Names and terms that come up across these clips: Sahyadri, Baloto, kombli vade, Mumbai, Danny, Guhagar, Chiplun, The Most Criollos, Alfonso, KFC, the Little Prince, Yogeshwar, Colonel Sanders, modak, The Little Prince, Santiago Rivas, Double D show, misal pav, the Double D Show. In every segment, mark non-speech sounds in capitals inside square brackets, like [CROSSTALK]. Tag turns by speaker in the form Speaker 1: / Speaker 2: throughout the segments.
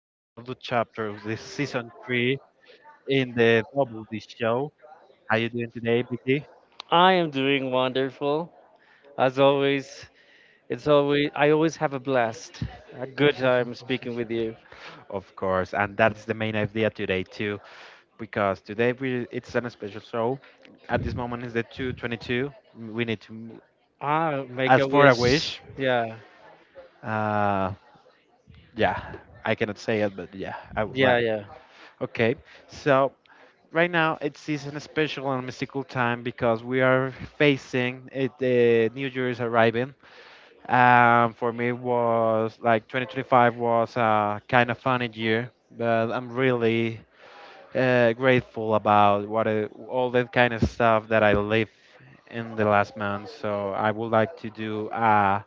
Speaker 1: to another chapter of this season three in the Double D show. How you doing today, BT?
Speaker 2: I am doing wonderful. As always, it's always I always have a blast, a good time speaking with you.
Speaker 1: Of course, and that is the main idea today too, because today we it's an special show. At this moment is the 222. We need to
Speaker 2: Ah, make a
Speaker 1: ask for a
Speaker 2: wish.
Speaker 1: wish.
Speaker 2: Yeah,
Speaker 1: Uh, yeah, I cannot say it, but yeah, I would
Speaker 2: yeah,
Speaker 1: like.
Speaker 2: yeah.
Speaker 1: Okay, so right now it's season special and mystical time because we are facing it, the New Year is arriving. For me, was like 2025 was a kind of funny year, but I'm really grateful about what all that kind of stuff that I live in the last month. So I would like to do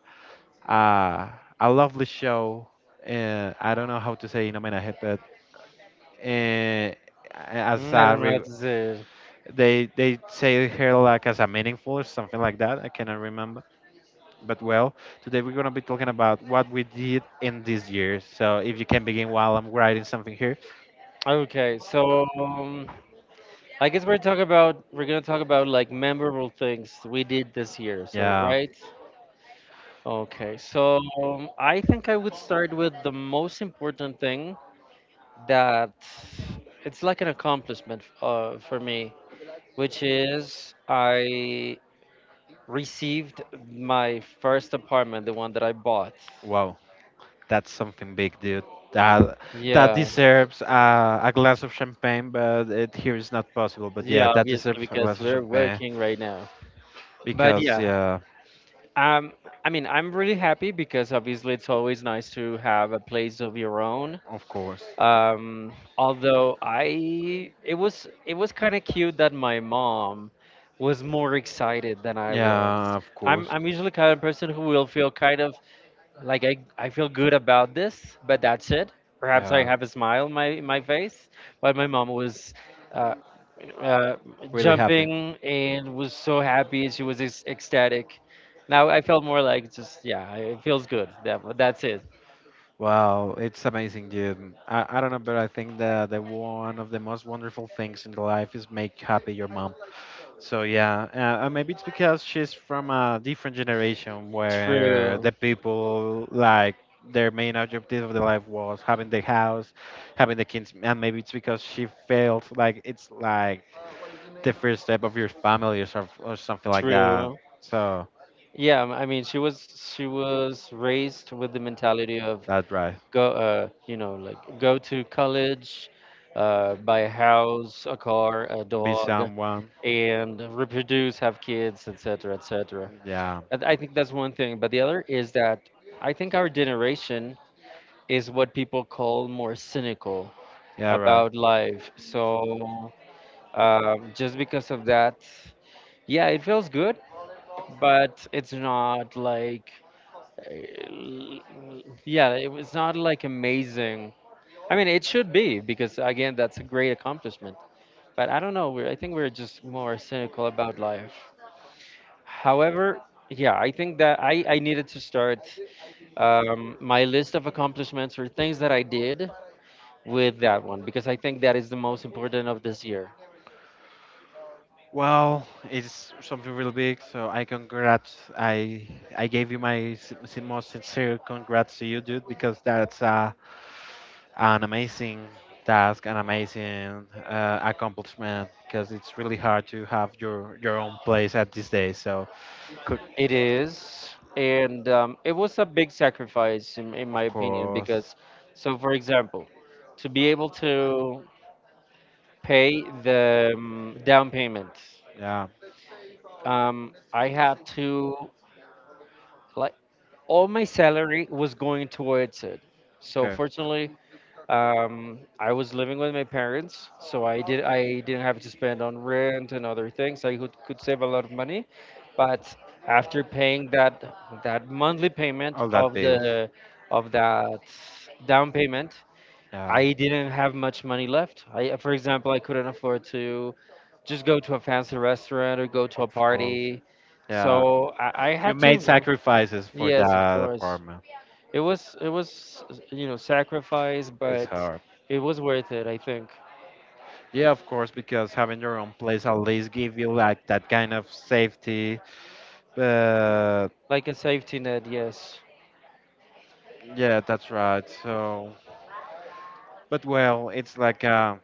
Speaker 1: a, a lovely show. I don't know how to say in homenaje, but uh, as
Speaker 2: Mm, I
Speaker 1: a
Speaker 2: don't know how to say it.
Speaker 1: they say here like as a meaningful or something like that. I cannot remember. But well, today we're going to be talking about what we did in this year. So if you can begin while I'm writing something here.
Speaker 2: Okay, so I guess we're gonna talk about like memorable things we did this year. So
Speaker 1: Yeah,
Speaker 2: right? Okay, so I think I would start with the most important thing that it's like an accomplishment for me, which is I received my first apartment, the one that I bought.
Speaker 1: wow, that's something big, dude. That that
Speaker 2: Yeah,
Speaker 1: deserves a glass of champagne, but it here is not possible. But
Speaker 2: yeah,
Speaker 1: yeah, that
Speaker 2: obviously
Speaker 1: deserves a
Speaker 2: because
Speaker 1: glass of
Speaker 2: we're
Speaker 1: champagne
Speaker 2: working right now. But
Speaker 1: because
Speaker 2: yeah,
Speaker 1: yeah,
Speaker 2: um, I mean, I'm really happy because obviously it's always nice to have a place of your own.
Speaker 1: of course.
Speaker 2: Um, it was kind of cute that my mom was more excited than I
Speaker 1: Yeah,
Speaker 2: was.
Speaker 1: of
Speaker 2: I'm
Speaker 1: course.
Speaker 2: I'm usually kind of person who will feel kind of like I feel good about this, but that's it. Perhaps I
Speaker 1: Yeah,
Speaker 2: have a smile in my face, but my mom was uh, uh,
Speaker 1: really happy.
Speaker 2: jumping and was so happy. She was ecstatic. Now I felt more like just yeah, it feels good. That's it.
Speaker 1: Wow, it's amazing, dude. I don't know, but I think that the one of the most wonderful things in life is make happy your mom. So yeah, maybe it's because she's from a different generation where the
Speaker 2: True,
Speaker 1: people like their main objective of their life was having the house, having the kids, and maybe it's because she felt like it's like the first step of your family or or something like that.
Speaker 2: true.
Speaker 1: So
Speaker 2: Yeah, I mean she was raised with the mentality of
Speaker 1: that's right.
Speaker 2: go you know like go to college, buy a house, a car, a
Speaker 1: Be
Speaker 2: dog
Speaker 1: someone.
Speaker 2: and reproduce, have kids, etc., etc.
Speaker 1: Yeah,
Speaker 2: And I think that's one thing. But the other is that I think our generation is what people call more cynical
Speaker 1: yeah, right.
Speaker 2: about life. So just because of that, yeah, it feels good, but it's not like, eh, yeah, it was not like amazing. I mean, it should be because again, that's a great accomplishment. But I don't know. I think we're just more cynical about life. However, yeah, I think that I needed to start my list of accomplishments or things that I did with that one because I think that is the most important of this year.
Speaker 1: Well, it's something real big, so I congrats. I gave you my most sincere congrats to you, dude, because that's a an amazing task, an amazing accomplishment because it's really hard to have your own place at this day. So, could,
Speaker 2: It is, and it was a big sacrifice in my
Speaker 1: of
Speaker 2: opinion,
Speaker 1: course,
Speaker 2: because, so for example, to be able to pay the down payment,
Speaker 1: yeah,
Speaker 2: I had to, like, all my salary was going towards it. So
Speaker 1: okay,
Speaker 2: fortunately, I was living with my parents, so I didn't have to spend on rent and other things. Could save a lot of money, but after paying that monthly payment
Speaker 1: all that
Speaker 2: of
Speaker 1: bills,
Speaker 2: the of that down payment,
Speaker 1: yeah,
Speaker 2: I didn't have much money left. For example, I couldn't afford to just go to a fancy restaurant or go to
Speaker 1: of
Speaker 2: a
Speaker 1: course,
Speaker 2: party,
Speaker 1: yeah.
Speaker 2: so I
Speaker 1: You
Speaker 2: had
Speaker 1: made
Speaker 2: to.
Speaker 1: sacrifices for
Speaker 2: Yes, of
Speaker 1: that
Speaker 2: course.
Speaker 1: apartment.
Speaker 2: It was you know sacrifice,
Speaker 1: It's
Speaker 2: but
Speaker 1: hard.
Speaker 2: it was worth it, I think.
Speaker 1: Yeah, of course, because having your own place at least give you like that kind of safety. But
Speaker 2: Like a safety net, yes.
Speaker 1: yeah, that's right. So but well, it's like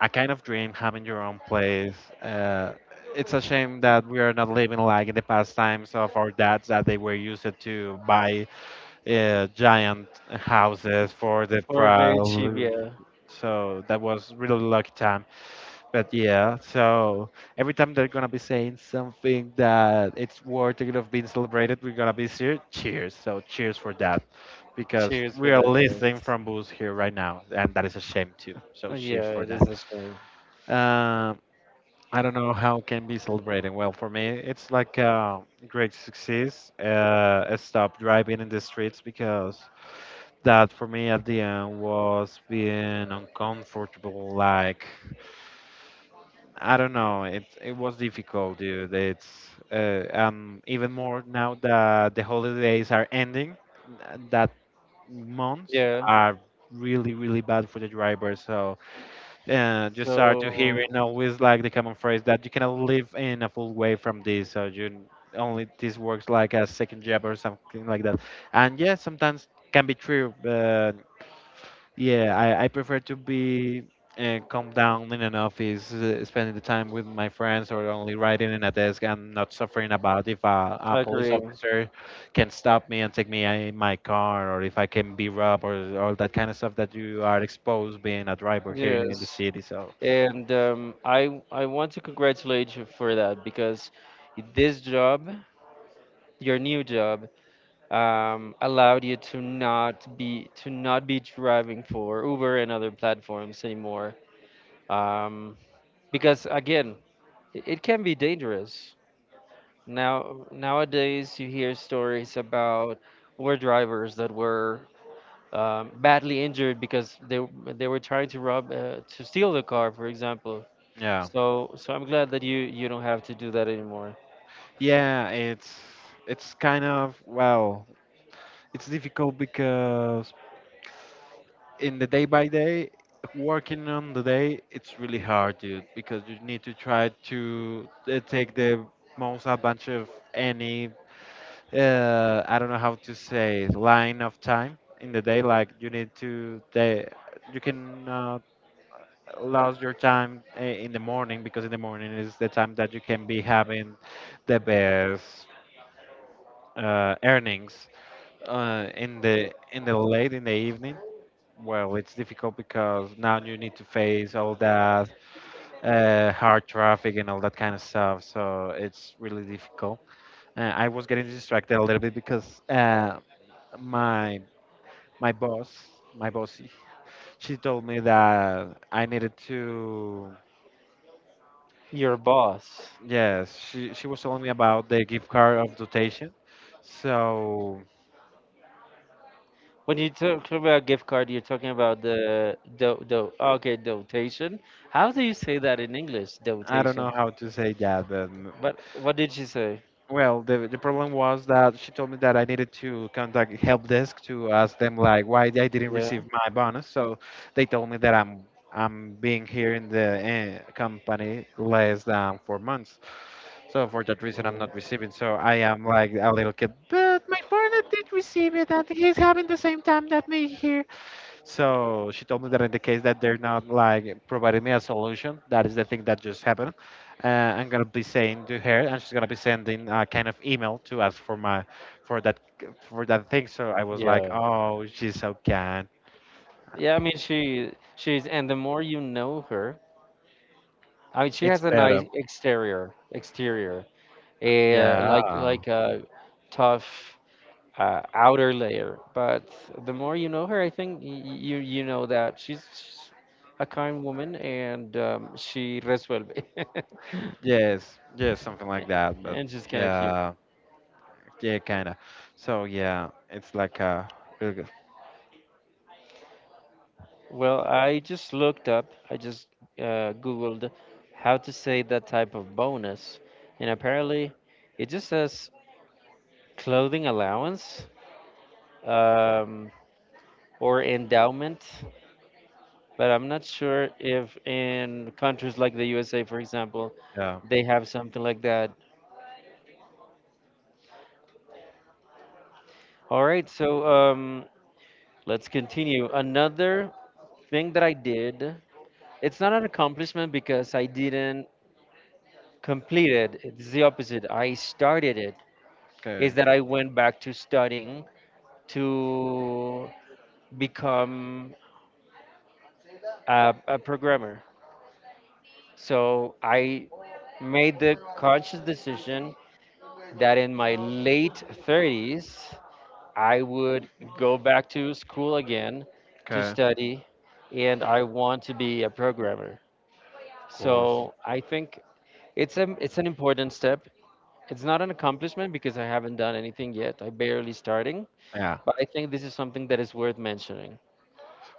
Speaker 1: a kind of dream having your own place. Uh, it's a shame that we are not living like in the past times of our dads that they were used to buy giant houses for the
Speaker 2: For a
Speaker 1: price.
Speaker 2: very cheap, yeah.
Speaker 1: So that was really lucky time. But yeah, so every time they're gonna be saying something that it's worthy of being celebrated, we're gonna be here. Cheers! So cheers for that, because
Speaker 2: Cheers
Speaker 1: we
Speaker 2: for
Speaker 1: are
Speaker 2: that, yes.
Speaker 1: listening from booze here right now, and that is a shame too. So cheers
Speaker 2: Yeah,
Speaker 1: for
Speaker 2: it
Speaker 1: that.
Speaker 2: is a shame.
Speaker 1: Um, I don't know how can be celebrating. Well, for me, it's like a great success. I stopped driving in the streets because that for me at the end was being uncomfortable, like. I don't know. It was difficult, dude. It's even more now that the holidays are ending. That months
Speaker 2: Yeah.
Speaker 1: are really really bad for the drivers. So just start to
Speaker 2: So
Speaker 1: hearing always like the common phrase that you cannot live in a full way from this. So you only this works like a second job or something like that. And yes, sometimes can be true. But yeah, I prefer to be calm down in an office, spending the time with my friends, or only writing in a desk and not suffering about if a
Speaker 2: I
Speaker 1: police
Speaker 2: agree.
Speaker 1: officer can stop me and take me in my car, or if I can be robbed, or all that kind of stuff that you are exposed being a driver here in the
Speaker 2: Yes,
Speaker 1: city. So,
Speaker 2: and I want to congratulate you for that because this job, your new job, allowed you to not be driving for Uber and other platforms anymore. Um, because again, it can be dangerous now, nowadays you hear stories about Uber drivers that were badly injured because they were trying to rob, to steal the car, for example.
Speaker 1: yeah.
Speaker 2: So so I'm glad that you don't have to do that anymore.
Speaker 1: Yeah, it's kind of well, it's difficult because in the day by day, working on the day, it's really hard, dude, because you need to try to take the most advantage of any, I don't know how to say, line of time in the day. Like you need to, they, you cannot lose your time in the morning because in the morning is the time that you can be having the best earnings in the late in the evening. Well, it's difficult because now you need to face all that hard traffic and all that kind of stuff. So it's really difficult. I was getting distracted a little bit because my my boss, my bossy, she told me that I needed to.
Speaker 2: Your boss.
Speaker 1: Yes, she was telling me about the gift card of dotation. So
Speaker 2: When you talk about gift card, you're talking about the do, do okay, dotation. How do you say that in English,
Speaker 1: I don't
Speaker 2: dotation?
Speaker 1: know how to say that, but
Speaker 2: But what did she say?
Speaker 1: well, the problem was that she told me that I needed to contact help desk to ask them like why I didn't
Speaker 2: Yeah.
Speaker 1: receive my bonus. So they told me that I'm being here in the company less than 4 months. So for that reason, I'm
Speaker 2: Mhm,
Speaker 1: not receiving. So I am like a little kid. But my partner did receive it, and he's having the same time that me here. So she told me that in the case that they're not like providing me a solution, that is the thing that just happened. I'm gonna be saying to her, and she's gonna be sending a kind of email to us for my for that for that thing. So I was like,
Speaker 2: yeah.
Speaker 1: oh, she's so kind.
Speaker 2: Yeah, I mean she's and the more you know her, I mean she
Speaker 1: It's
Speaker 2: has a
Speaker 1: better.
Speaker 2: nice exterior,
Speaker 1: Yeah.
Speaker 2: like a tough outer layer. But the more you know her, I think you you know that she's a kind woman, and she resuelve, [LAUGHS]
Speaker 1: Yes. Yes. Something like that. But
Speaker 2: and she's kind of cute.
Speaker 1: yeah. Yeah. Kinda. So yeah, it's like a really good.
Speaker 2: Well, I just looked up, I just googled how to say that type of bonus, and apparently. It just says clothing allowance, um, or endowment, but I'm not sure if in countries like the USA, for example,
Speaker 1: Yeah.
Speaker 2: they have something like that. All right, so let's continue. Another thing that I did, it's not an accomplishment because I didn't complete it, it's the opposite. I started it,
Speaker 1: Okay.
Speaker 2: is that I went back to studying to become a programmer. So I made the conscious decision that in my late thirties, I would go back to school again to
Speaker 1: Okay.
Speaker 2: study, and I want to be a programmer.
Speaker 1: Of course.
Speaker 2: So I think it's an important step. It's not an accomplishment because I haven't done anything yet. I barely starting,
Speaker 1: Yeah.
Speaker 2: but I think this is something that is worth mentioning.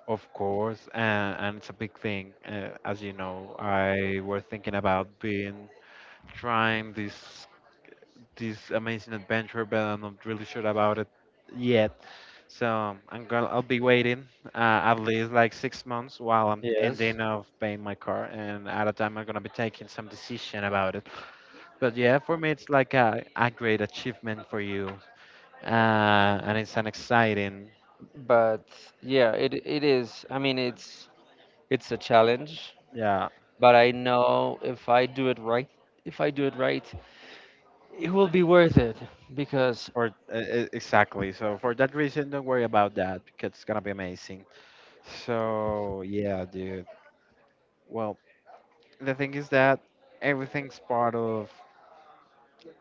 Speaker 1: Of course, and it's a big thing. As you know, I was thinking about being trying this amazing adventure, but I'm not really sure about it yet. So I'll be waiting at least like 6 months while I'm
Speaker 2: Yes,
Speaker 1: ending of paying my car, and at a time I'm gonna be taking some decision about it. But yeah, for me it's like a great achievement for you, and it's an exciting
Speaker 2: but yeah, it is. I mean, it's a challenge.
Speaker 1: yeah.
Speaker 2: But I know if I do it right, if I do it right, it will be worth it because
Speaker 1: For exactly. So for that reason, don't worry about that because it's gonna be amazing. So yeah, dude. Well, the thing is that everything's part of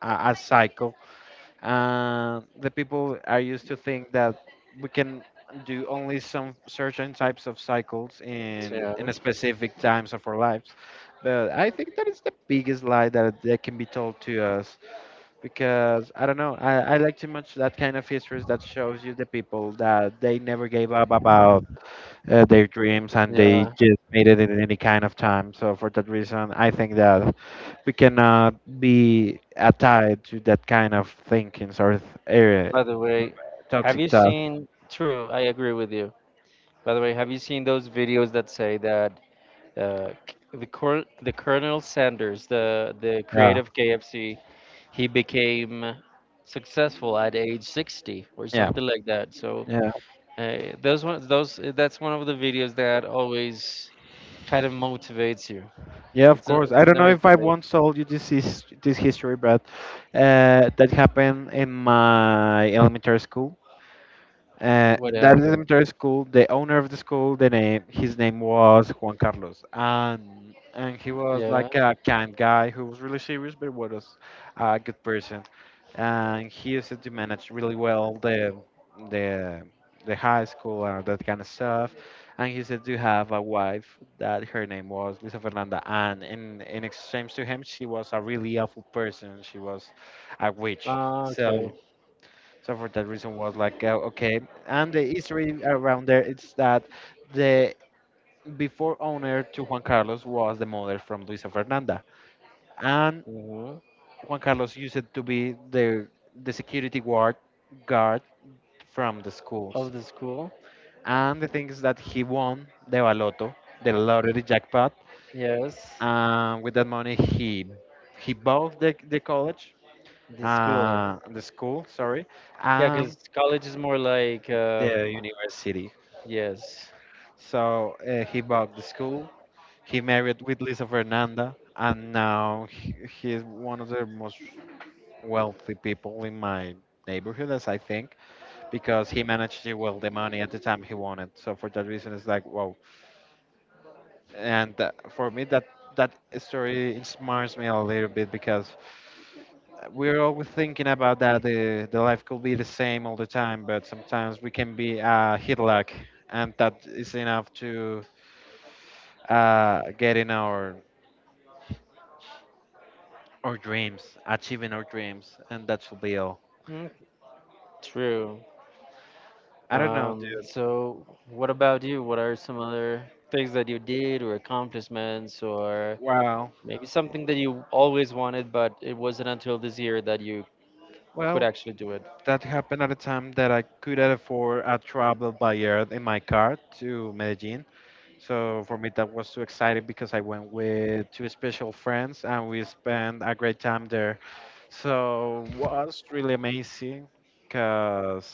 Speaker 1: a cycle, and the people are used to think that we can do only some certain types of cycles in
Speaker 2: yeah,
Speaker 1: a specific times of our lives. But I think that is the biggest lie that can be told to us because I don't know. I like too much that kind of histories that shows you the people that they never gave up about their dreams and they
Speaker 2: yeah.
Speaker 1: just made it in any kind of time. So for that reason, I think that we cannot be tied to that kind of thinkings or area,
Speaker 2: By the
Speaker 1: uh,
Speaker 2: way, have
Speaker 1: toxic
Speaker 2: you
Speaker 1: talk.
Speaker 2: seen? True, I agree with you. By the way, have you seen those videos that say that the Colonel Sanders, the
Speaker 1: Yeah,
Speaker 2: creative KFC, he became successful at age 60 or
Speaker 1: yeah.
Speaker 2: something like that. So
Speaker 1: Yeah,
Speaker 2: those ones, those that's one of the videos that always kind of motivates you.
Speaker 1: yeah, of
Speaker 2: It's not,
Speaker 1: course. I
Speaker 2: it's
Speaker 1: don't know
Speaker 2: never
Speaker 1: if
Speaker 2: too
Speaker 1: I
Speaker 2: late.
Speaker 1: once told you this history, but that happened in my elementary school.
Speaker 2: What
Speaker 1: That is the
Speaker 2: happened?
Speaker 1: military school. The owner of the school, the name, his name was Juan Carlos, and he was
Speaker 2: Yeah.
Speaker 1: like a kind guy who was really serious, but was a good person. And he used to manage really well the the high school and that kind of stuff. And he used to have a wife that her name was Lisa Fernanda, and in exchange to him, she was a really awful person. She was a witch.
Speaker 2: Ah,
Speaker 1: So.
Speaker 2: okay.
Speaker 1: So for that reason was like okay, and the history around there it's that the before owner to Juan Carlos was the mother from Luisa Fernanda, and
Speaker 2: Hmm.
Speaker 1: Juan Carlos used it to be the security guard guard from the schools.
Speaker 2: Of the school?
Speaker 1: And the thing is that he won the Baloto, the lottery jackpot,
Speaker 2: Yes,
Speaker 1: and with that money he bought the college,
Speaker 2: the school.
Speaker 1: the school, sorry,
Speaker 2: Yeah,
Speaker 1: and
Speaker 2: because college is more like,
Speaker 1: the university.
Speaker 2: yes.
Speaker 1: So he bought the school. He married with Lisa Fernanda, and now he is one of the most wealthy people in my neighborhood, as I think, because he managed to will the money at the time he wanted. So for that reason, it's like, wow, and that, for me that story inspires me a little bit because we're always thinking about that the life could be the same all the time but sometimes we can be hit luck and that is enough to get in our dreams achieving our dreams and that should be all.
Speaker 2: Mm, true.
Speaker 1: I don't know, dude.
Speaker 2: So, what about you? What are some other things that you did or accomplishments or
Speaker 1: Wow.
Speaker 2: maybe something that you always wanted, but it wasn't until this year that you could
Speaker 1: Well,
Speaker 2: actually do it?
Speaker 1: that happened at a time that I couldn't afford a travel by air in my car to Medellin. So for me, that was too exciting because I went with two special friends and we spent a great time there. So was really amazing because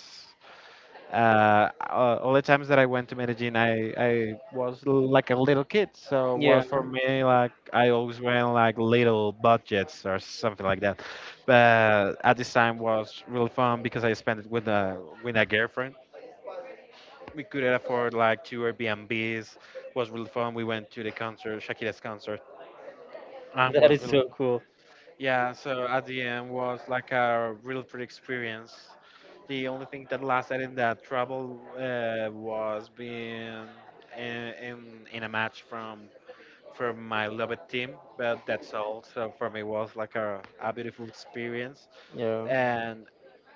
Speaker 1: all the times that I went to Medellin, I was like a little kid. So it was
Speaker 2: Yeah,
Speaker 1: for me like I always went like little budgets or something like that. But at this time was really fun because I spent it with a girlfriend we could afford like two Airbnbs. Was really fun. We went to the concert, Shakira's concert, and
Speaker 2: that
Speaker 1: was
Speaker 2: is
Speaker 1: really
Speaker 2: so cool.
Speaker 1: yeah. So at the end was like a real pretty experience. The only thing that lasted in that trouble was being in a match from my loved team, but that's all. So for me was like a beautiful experience,
Speaker 2: Yeah.
Speaker 1: and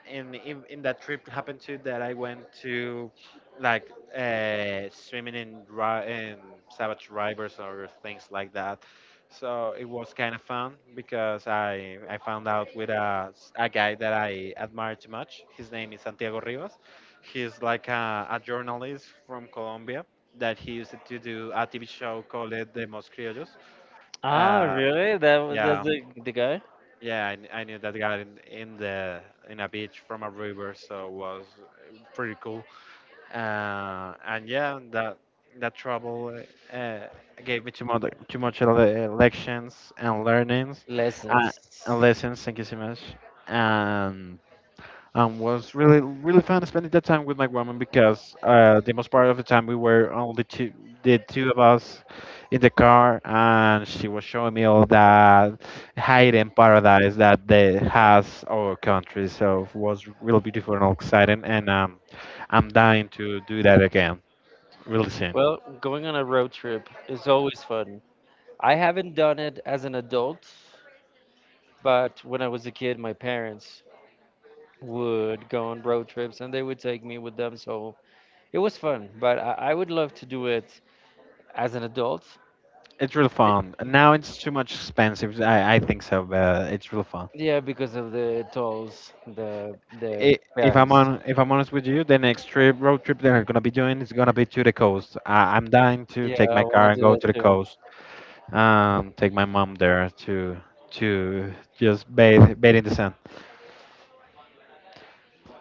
Speaker 1: and in that trip happened to that I went to like swimming in, in savage rivers or things like that. So it was kind of fun because I found out with a, a guy that I admire too much. His name is Santiago Rivas. He's like a journalist from Colombia that he used to do a TV show called "The Most Criollos.
Speaker 2: Ah,
Speaker 1: Uh,
Speaker 2: really? That was that's
Speaker 1: yeah,
Speaker 2: the guy?
Speaker 1: yeah, I knew that guy in the in a beach from a river, so it was pretty cool. And yeah, that that trouble uh, uh, gave me too much lections and learnings uh, and
Speaker 2: Lessons.
Speaker 1: lessons. Thank you so much. And and was really really fun spending that time with my woman because the most part of the time we were only two the two of us in the car, and she was showing me all that hidden paradise that they has our country. So it was really beautiful and exciting, and I'm dying to do that again really soon.
Speaker 2: Well, going on a road trip is always fun. I haven't done it as an adult, but when I was a kid, my parents would go on road trips and they would take me with them, so it was fun. But I would love to do it as an adult.
Speaker 1: It's really fun. Now it's too much expensive. I think so, but it's real fun.
Speaker 2: Yeah, because of the tolls, the
Speaker 1: If I'm
Speaker 2: peajes.
Speaker 1: on, if I'm honest with you, the next trip, road trip that I'm gonna be doing is gonna be to the coast. I'm dying to
Speaker 2: Yeah,
Speaker 1: take
Speaker 2: I
Speaker 1: my car
Speaker 2: want
Speaker 1: and
Speaker 2: to
Speaker 1: go
Speaker 2: do that
Speaker 1: to the
Speaker 2: too.
Speaker 1: coast. Take my mom there to just bathe in the sand.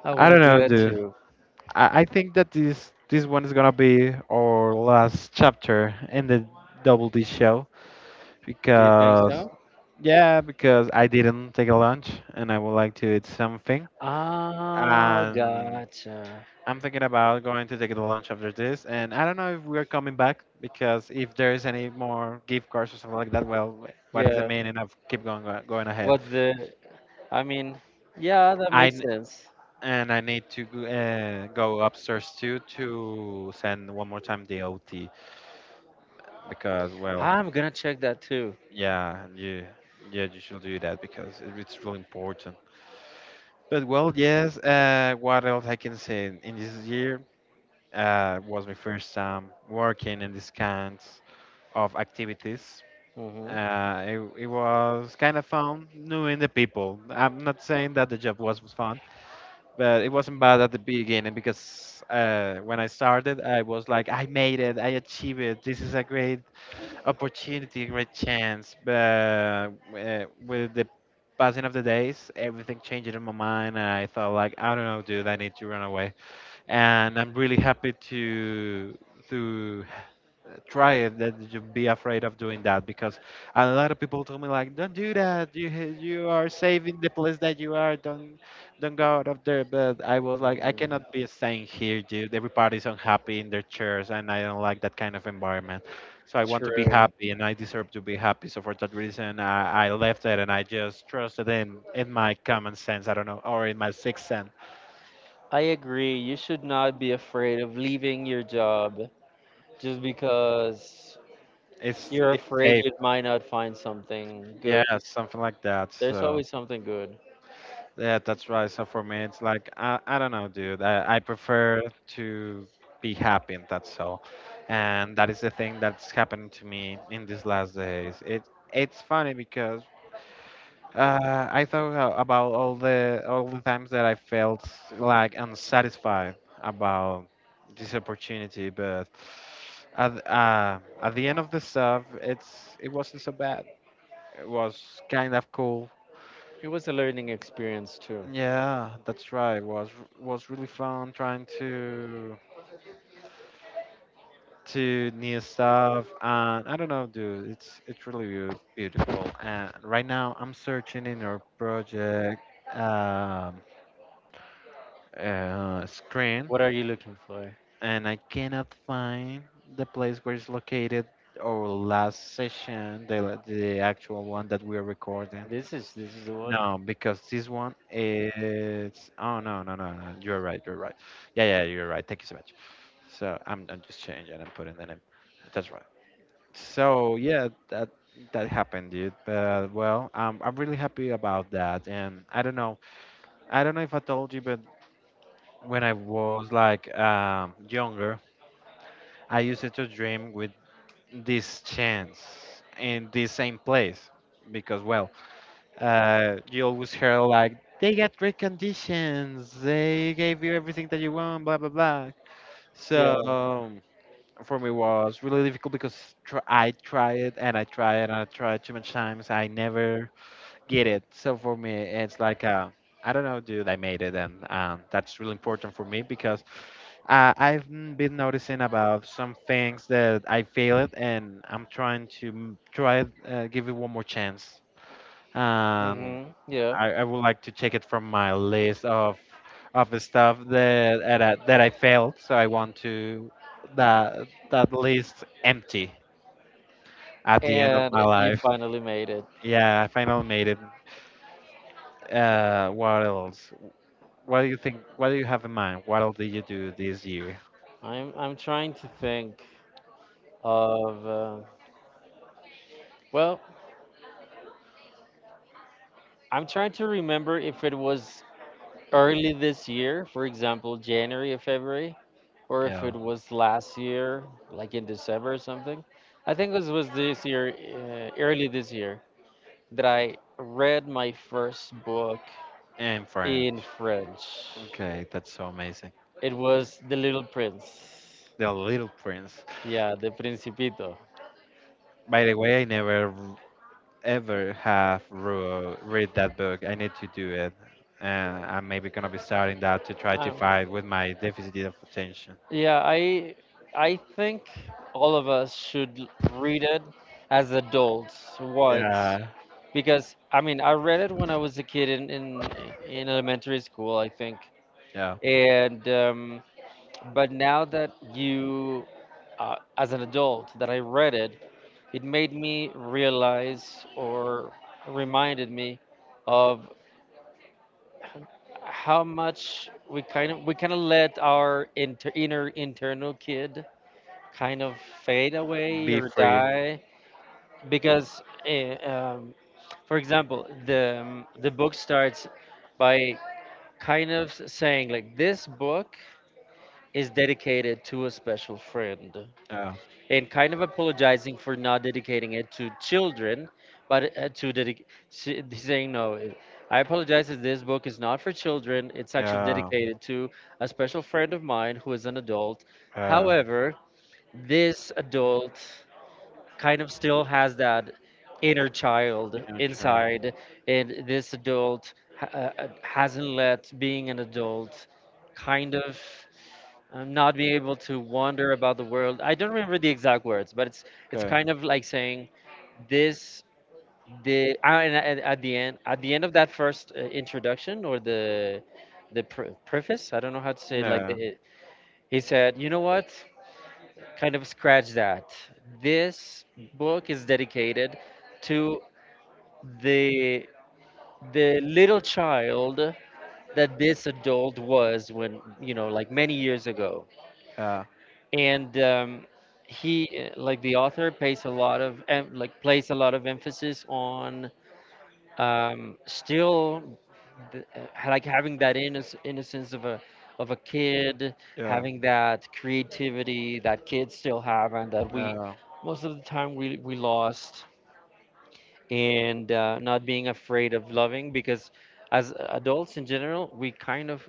Speaker 2: I
Speaker 1: I
Speaker 2: want
Speaker 1: don't
Speaker 2: to do
Speaker 1: know,
Speaker 2: that
Speaker 1: dude.
Speaker 2: too.
Speaker 1: I think that this one is gonna be our last chapter in the Double D show
Speaker 2: Do you think
Speaker 1: because
Speaker 2: so?
Speaker 1: yeah, because I didn't take a lunch and I would like to eat something,
Speaker 2: Ah,
Speaker 1: and
Speaker 2: gotcha.
Speaker 1: I'm thinking about going to take the lunch after this, and I don't know if we're coming back because if there is any more gift cards or something like that, well, what is the
Speaker 2: Yeah.
Speaker 1: meaning of keep going going ahead?
Speaker 2: What's the? I mean, yeah, that
Speaker 1: I
Speaker 2: makes
Speaker 1: n-
Speaker 2: sense.
Speaker 1: and I need to go upstairs too to send one more time the OT because well,
Speaker 2: I'm gonna check that too.
Speaker 1: yeah, you yeah you should do that because it's really important. But well, yes, what else I can say in this year? Was my first time working in this kind of activities.
Speaker 2: Hmm.
Speaker 1: It was kind of fun knowing the people. I'm not saying that the job was fun, but it wasn't bad at the beginning because when I started, I was like, I made it, I achieved it. This is a great opportunity, a great chance. But with the passing of the days, everything changed in my mind, and I thought like, I don't know, dude, I need to run away. And I'm really happy to try it that you be afraid of doing that because a lot of people told me like don't do that, you you are saving the place that you are, don't go out of there. But I was like I
Speaker 2: Hmm.
Speaker 1: cannot be staying here, dude, everybody's unhappy in their chairs and I don't like that kind of environment. So I want to be
Speaker 2: True.
Speaker 1: happy and I deserve to be happy, so for that reason I left it and I just trusted in my common sense, I don't know, or in my sixth sense.
Speaker 2: I agree. You should not be afraid of leaving your job just because
Speaker 1: it's,
Speaker 2: you're
Speaker 1: it's
Speaker 2: afraid
Speaker 1: safe.
Speaker 2: you might not find something
Speaker 1: Yeah,
Speaker 2: good.
Speaker 1: something like that,
Speaker 2: There's
Speaker 1: so
Speaker 2: always something good.
Speaker 1: yeah, that's right. So for me, it's like I don't know, dude. I prefer to be happy, and that's all. And that is the thing that's happened to me in these last days. It it's funny because I thought about all the times that I felt like unsatisfied about this opportunity, but at the end of the stuff, it's it wasn't so bad. It was kind of cool.
Speaker 2: It was a learning experience too.
Speaker 1: Yeah, that's right. Was really fun trying to new stuff, and I don't know, dude. It's really beautiful. And right now, I'm searching in our project um, screen,
Speaker 2: What are you looking for?
Speaker 1: and I cannot find the place where it's located our last session, the the actual one that we are recording.
Speaker 2: This is the one.
Speaker 1: No, because this one is. Oh no, no, no, no. You're right. You're right. Yeah, yeah, you're right. Thank you so much. So I'm just changing and putting the name. That's right. So yeah, that that happened, dude. But well, I'm really happy about that. And I don't know if I told you, but when I was like younger, I used to dream with this chance in this same place because well, you always hear like they got great conditions, they gave you everything that you want, blah blah blah. So
Speaker 2: Yeah.
Speaker 1: for me was really difficult because I tried it and I tried too many times. I never get it. So for me, it's like I don't know, dude. I made it, and that's really important for me because I've been noticing about some things that I failed, and I'm trying to try it, give it one more chance. Um,
Speaker 2: Hmm. Yeah.
Speaker 1: I would like to check it from my list of the stuff that that I failed. So I want to that that list empty at the end of my
Speaker 2: And you
Speaker 1: life.
Speaker 2: finally made it.
Speaker 1: Yeah, I finally made it. What else? What do you think? What do you have in mind? What else did you do this year?
Speaker 2: I'm trying to think of well, I'm trying to remember if it was early this year, for example, January or February, or if
Speaker 1: Yeah,
Speaker 2: it was last year, like in December or something. I think it was this year, early this year, that I read my first book
Speaker 1: in French.
Speaker 2: in French.
Speaker 1: Okay, that's so amazing.
Speaker 2: It was The Little Prince.
Speaker 1: The Little Prince.
Speaker 2: Yeah, the Principito.
Speaker 1: By the way, I never ever have read that book. I need to do it. I'm maybe gonna be starting that to try to
Speaker 2: I,
Speaker 1: fight with my deficit of attention.
Speaker 2: Yeah, I think all of us should read it as adults once,
Speaker 1: Yeah,
Speaker 2: because I mean I read it when I was a kid in in elementary school I think.
Speaker 1: yeah.
Speaker 2: And but now that you, as an adult, that I read it, it made me realize or reminded me of how much we kind of let our inner internal kid kind of fade away
Speaker 1: Be
Speaker 2: or
Speaker 1: free.
Speaker 2: die because for example, the book starts by kind of saying like, this book is dedicated to a special friend,
Speaker 1: Yeah,
Speaker 2: and kind of apologizing for not dedicating it to children, but saying, no, I apologize that this book is not for children, it's actually
Speaker 1: yeah,
Speaker 2: dedicated to a special friend of mine who is an adult.
Speaker 1: yeah.
Speaker 2: However, this adult kind of still has that inner child
Speaker 1: Yeah, child.
Speaker 2: inside, and this adult hasn't let being an adult kind of not being able to wander about the world. I don't remember the exact words, but it's
Speaker 1: Okay.
Speaker 2: kind of like saying this the and at the end of that first introduction or the preface. I don't know how to say it, like
Speaker 1: Yeah,
Speaker 2: the he said, you know what? Kind of scratch that. This book is dedicated to the the little child that this adult was when like many years ago.
Speaker 1: yeah,
Speaker 2: And he like the author pays a lot of like plays a lot of emphasis on still like having that innocence of a kid,
Speaker 1: yeah,
Speaker 2: having that creativity that kids still have and that we,
Speaker 1: yeah,
Speaker 2: most of the time, we lost, and not being afraid of loving, because as adults in general we kind of,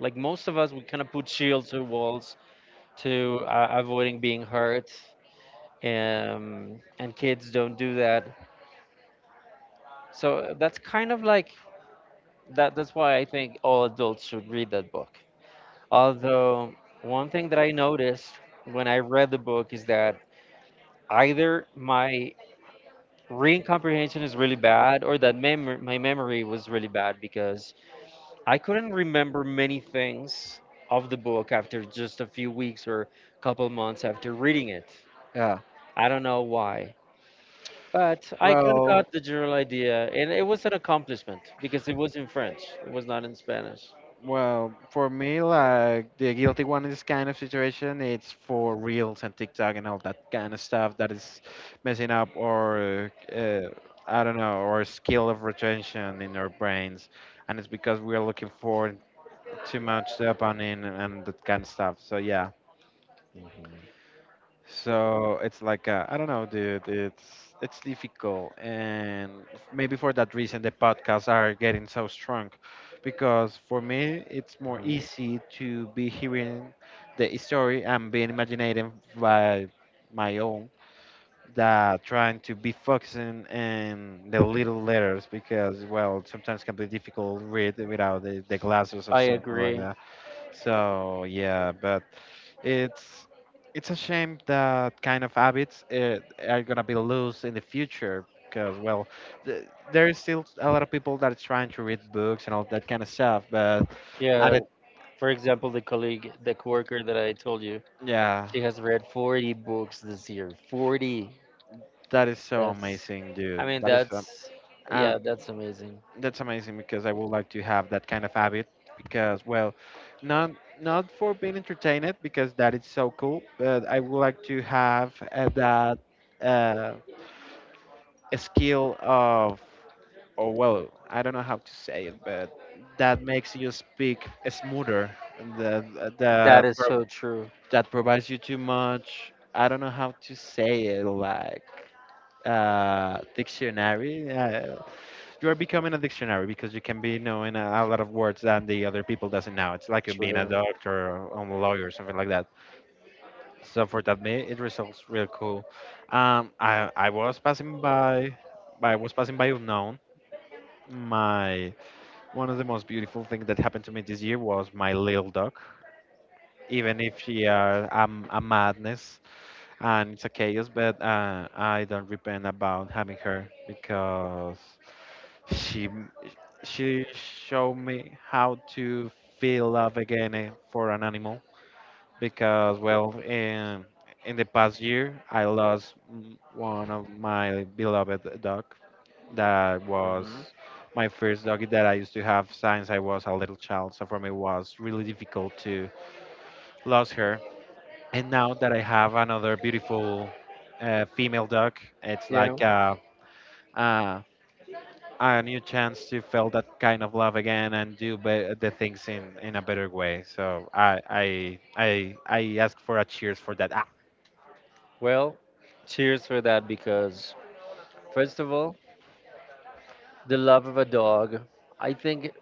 Speaker 2: like most of us, we kind of put shields or walls to avoiding being hurt. And kids don't do that, so that's kind of like that's why I think all adults should read that book. Although, one thing that I noticed when I read the book is that either my reading comprehension is really bad or that my memory was really bad, because I couldn't remember many things of the book after just a few weeks or couple months after reading it.
Speaker 1: yeah.
Speaker 2: I don't know why. But I kind of
Speaker 1: Well.
Speaker 2: got the general idea, and it was an accomplishment because it was in French. It was not in Spanish.
Speaker 1: Well, for me, like the guilty one in this kind of situation, it's for reels and TikTok and all that kind of stuff that is messing up or I don't know, or skill of retention in our brains, and it's because we are looking for too much dopamine and that kind of stuff. So yeah.
Speaker 2: Mhm.
Speaker 1: So it's like I don't know, dude. It's difficult, and maybe for that reason the podcasts are getting so strong, because for me it's more easy to be hearing the story and being imaginative by my own that trying to be focusing in the little letters because well sometimes can be difficult read without the glasses or
Speaker 2: I
Speaker 1: something
Speaker 2: agree.
Speaker 1: like so yeah, but it's it's a shame that kind of habits are gonna be loose in the future because well, th there's still a lot of people that is trying to read books and all that kind of stuff. But at
Speaker 2: Yeah.
Speaker 1: it,
Speaker 2: For example, the colleague, the coworker that I told you,
Speaker 1: yeah,
Speaker 2: she has read 40 books this year. 40.
Speaker 1: that is so
Speaker 2: That's,
Speaker 1: amazing,
Speaker 2: I
Speaker 1: dude.
Speaker 2: mean,
Speaker 1: That is
Speaker 2: that's, yeah,
Speaker 1: and
Speaker 2: that's amazing.
Speaker 1: that's amazing because I would like to have that kind of habit because well, not not for being entertained because that is so cool, but I would like to have that. Uh, skill of or well I don't know how to say it, but that makes you speak smoother that
Speaker 2: That is so true.
Speaker 1: that provides you too much, I don't know how to say it, like dictionary. You are becoming a dictionary because you can be knowing a lot of words that the other people doesn't know. It's like you being a
Speaker 2: True.
Speaker 1: doctor or a lawyer or something like that. So for that me it results real cool. um i i was passing by I was passing by unknown my one of the most beautiful things that happened to me this year was my little dog. Even if she are a madness and it's a chaos, but I don't repent about having her because she m- she showed me how to feel love again, for an animal. Because well, in the past year, I lost one of my beloved dog. That was
Speaker 2: Hmm.
Speaker 1: my first doggy that I used to have since I was a little child. So for me, it was really difficult to lose her. And now that I have another beautiful female dog, it's
Speaker 2: Yeah.
Speaker 1: like uh, a new chance to feel that kind of love again and the things in a better way. So I ask for a cheers for that. Ah,
Speaker 2: Well, cheers for that because, first of all, the love of a dog, I think,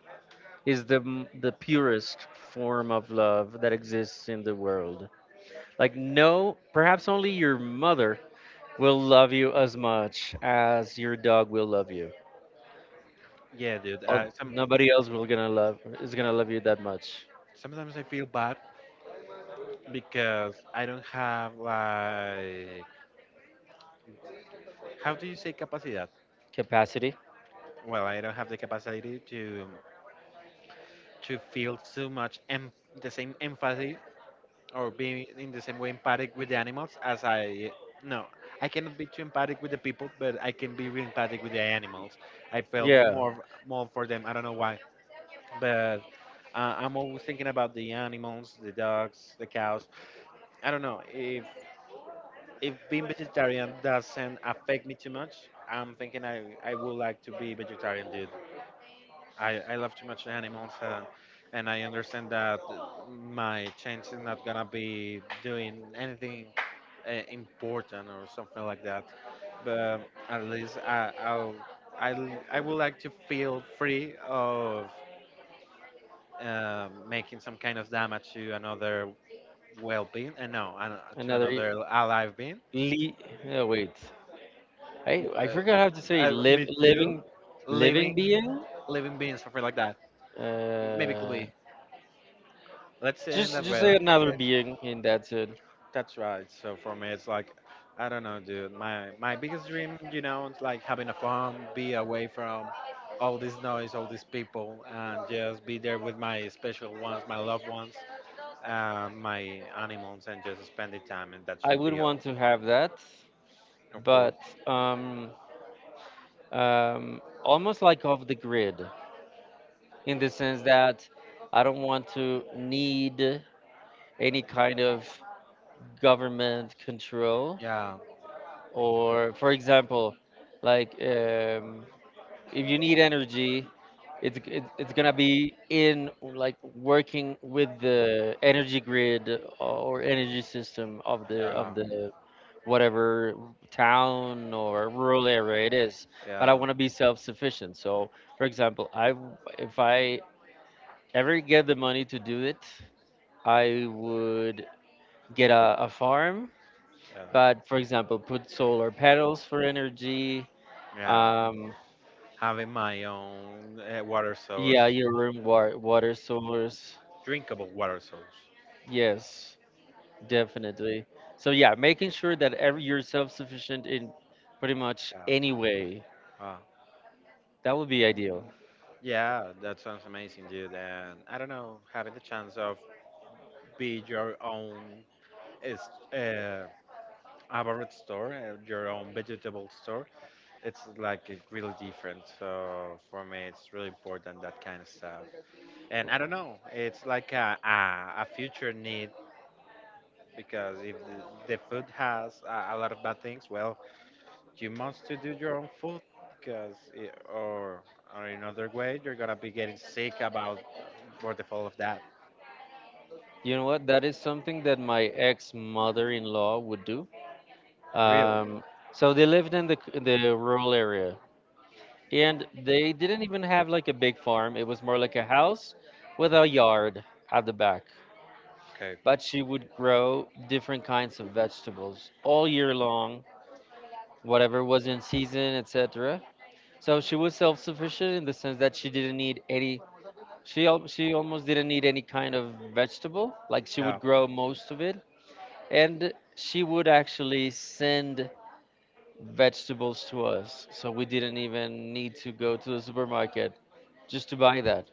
Speaker 2: is the purest form of love that exists in the world. Like, no, perhaps only your mother will love you as much as your dog will love you.
Speaker 1: yeah, dude.
Speaker 2: Nobody else will gonna love is gonna love you that much.
Speaker 1: Sometimes I feel bad because I don't have like how do you say capacidad?
Speaker 2: Capacity.
Speaker 1: Well, I don't have the capacity to feel so much the same empathy or being in the same way empathic with the animals as I no. I cannot be too empathic with the people, but I can be really empathic with the animals. I feel
Speaker 2: Yeah,
Speaker 1: more for them. I don't know why, but I'm always thinking about the animals, the dogs, the cows. I don't know if being vegetarian doesn't affect me too much. I'm thinking I would like to be vegetarian, dude. I love too much animals, and I understand that my chance is not gonna be doing anything important or something like that. But at least I would like to feel free of making some kind of damage to another well-being, and no, to
Speaker 2: another
Speaker 1: another alive being.
Speaker 2: le. Oh, wait, I
Speaker 1: W-
Speaker 2: I forgot how to say live
Speaker 1: Me too.
Speaker 2: living
Speaker 1: Living
Speaker 2: living being.
Speaker 1: Living beings, something like that. Maybe could
Speaker 2: Uh,
Speaker 1: be. Let's say in
Speaker 2: just
Speaker 1: that
Speaker 2: just
Speaker 1: way.
Speaker 2: say another being and that's it.
Speaker 1: That's right. So for me, it's like, I don't know, dude. My biggest dream, you know, it's like having a farm, be away from all this noise, all these people, and just be there with my special ones, my loved ones, and my animals, and just spend the time, and that
Speaker 2: I
Speaker 1: should
Speaker 2: would
Speaker 1: be all.
Speaker 2: want to have that,
Speaker 1: Of course.
Speaker 2: but um almost like off the grid, in the sense that I don't want to need any kind of government control,
Speaker 1: Yeah.
Speaker 2: or, for example, like, if you need energy, it's gonna be in, like, working with the energy grid or energy system of the
Speaker 1: Yeah.
Speaker 2: of the whatever town or rural area it is. But I
Speaker 1: Yeah.
Speaker 2: want to be self-sufficient. So, for example, if I ever get the money to do it, I would get a farm,
Speaker 1: Yeah.
Speaker 2: but, for example, put solar panels for energy.
Speaker 1: Yeah.
Speaker 2: Um,
Speaker 1: Having my own water
Speaker 2: yeah,
Speaker 1: source,
Speaker 2: your room water source.
Speaker 1: drinkable water source.
Speaker 2: Yes, definitely. So yeah, making sure that every, you're self-sufficient in pretty much
Speaker 1: Yeah.
Speaker 2: any way.
Speaker 1: uh,
Speaker 2: That would be ideal.
Speaker 1: Yeah, that sounds amazing, dude. And I don't know, having the chance of be your own is uh, Abarot store, your own vegetable store. It's like it really different. So for me, it's really important that kind of stuff. And I don't know, it's like a future need because if the food has a lot of bad things, well, you must to do your own food because it, or another way, you're gonna be getting sick about for the fall of that.
Speaker 2: You know what? That is something that my ex-mother-in-law would do.
Speaker 1: Really?
Speaker 2: Um, so they lived in the rural area, and they didn't even have like a big farm. It was more like a house with a yard at the back.
Speaker 1: Okay.
Speaker 2: But she would grow different kinds of vegetables all year long, whatever was in season, etc. So she was self-sufficient in the sense that she didn't need any. She almost didn't need any kind of vegetable. Like, she
Speaker 1: Yeah.
Speaker 2: would grow most of it, and she would actually send vegetables to us. So we didn't even need to go to the supermarket just to buy that,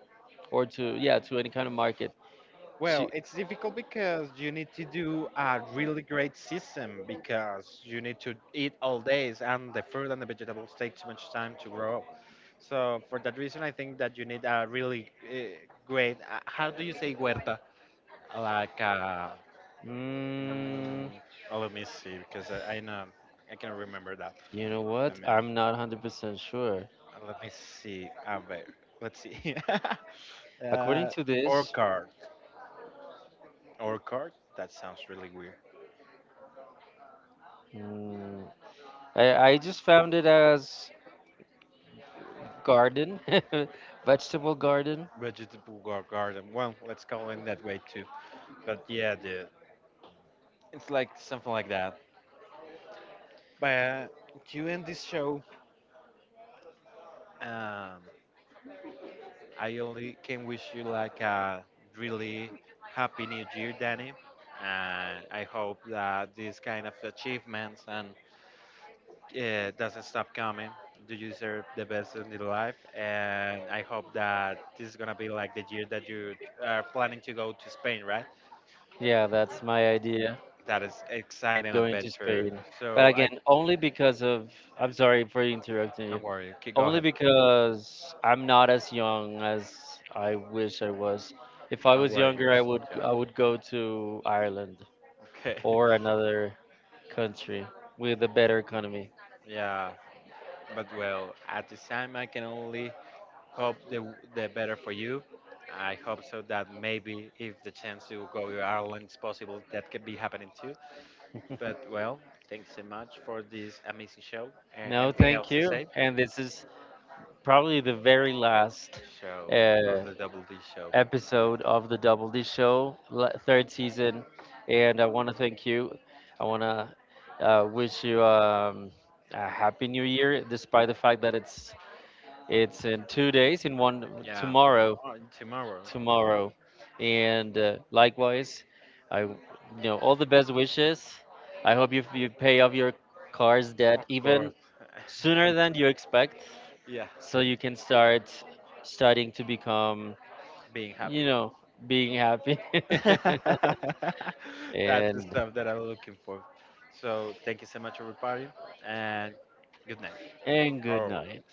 Speaker 2: or to, yeah, to any kind of market.
Speaker 1: Well,
Speaker 2: She.
Speaker 1: it's difficult because you need to do a really great system because you need to eat all days and the fruit and the vegetables take too much time to grow up. So for that reason, I think that you need a really great. How do you say huerta? Like,
Speaker 2: Mm,
Speaker 1: mm, oh, let me see because I know I cannot remember that.
Speaker 2: You know what? I'm not 100% sure.
Speaker 1: Let me see. Ah, wait. Let's see. [LAUGHS] uh,
Speaker 2: According to this,
Speaker 1: orchard. Orchard? That sounds really weird.
Speaker 2: mm, I just found it as garden, [LAUGHS] vegetable garden.
Speaker 1: Garden. Well, let's call it that way too. But yeah, it's like something like that. But to end this show, um, I only can wish you like a really happy new year, Danny. And I hope that these kind of achievements and doesn't stop coming. You deserve the best in your life, and I hope that this is gonna be like the year that you are planning to go to Spain, right?
Speaker 2: Yeah, that's my idea,
Speaker 1: That is exciting
Speaker 2: going to
Speaker 1: adventure.
Speaker 2: Spain. But
Speaker 1: So I
Speaker 2: again, only because of, I'm sorry for interrupting
Speaker 1: don't
Speaker 2: you,
Speaker 1: worry. Keep go ahead.
Speaker 2: only because I'm not as young as I wish I was. If I
Speaker 1: Don't
Speaker 2: was
Speaker 1: worry. You're
Speaker 2: younger, I
Speaker 1: still
Speaker 2: would
Speaker 1: young.
Speaker 2: I would go to Ireland
Speaker 1: Okay. [LAUGHS]
Speaker 2: or another country with a better economy.
Speaker 1: yeah. But well, at this time, I can only hope the better for you. I hope so that maybe if the chance to go to Ireland is possible, that could be happening too. But well, thanks so much for this amazing show.
Speaker 2: No,
Speaker 1: Anything else
Speaker 2: thank
Speaker 1: to
Speaker 2: you.
Speaker 1: say?
Speaker 2: And this is probably the very
Speaker 1: A
Speaker 2: last
Speaker 1: show of
Speaker 2: uh,
Speaker 1: the Double D show.
Speaker 2: episode of the Double D Show, third season. And I want to thank you. I want to wish you a happy new year, despite the fact that it's in 2 days, in one,
Speaker 1: Yeah,
Speaker 2: tomorrow,
Speaker 1: tomorrow, of
Speaker 2: tomorrow. And likewise, I, all the best wishes. I hope you pay off your car's debt
Speaker 1: course.
Speaker 2: even
Speaker 1: [LAUGHS]
Speaker 2: sooner
Speaker 1: it's
Speaker 2: than you expect,
Speaker 1: Yeah.
Speaker 2: so you can starting to become,
Speaker 1: Being happy.
Speaker 2: you know, being happy. [LAUGHS]
Speaker 1: [LAUGHS] That's the
Speaker 2: and
Speaker 1: stuff that I'm looking for. So thank you so much, everybody, and good night.
Speaker 2: and
Speaker 1: Or
Speaker 2: good night.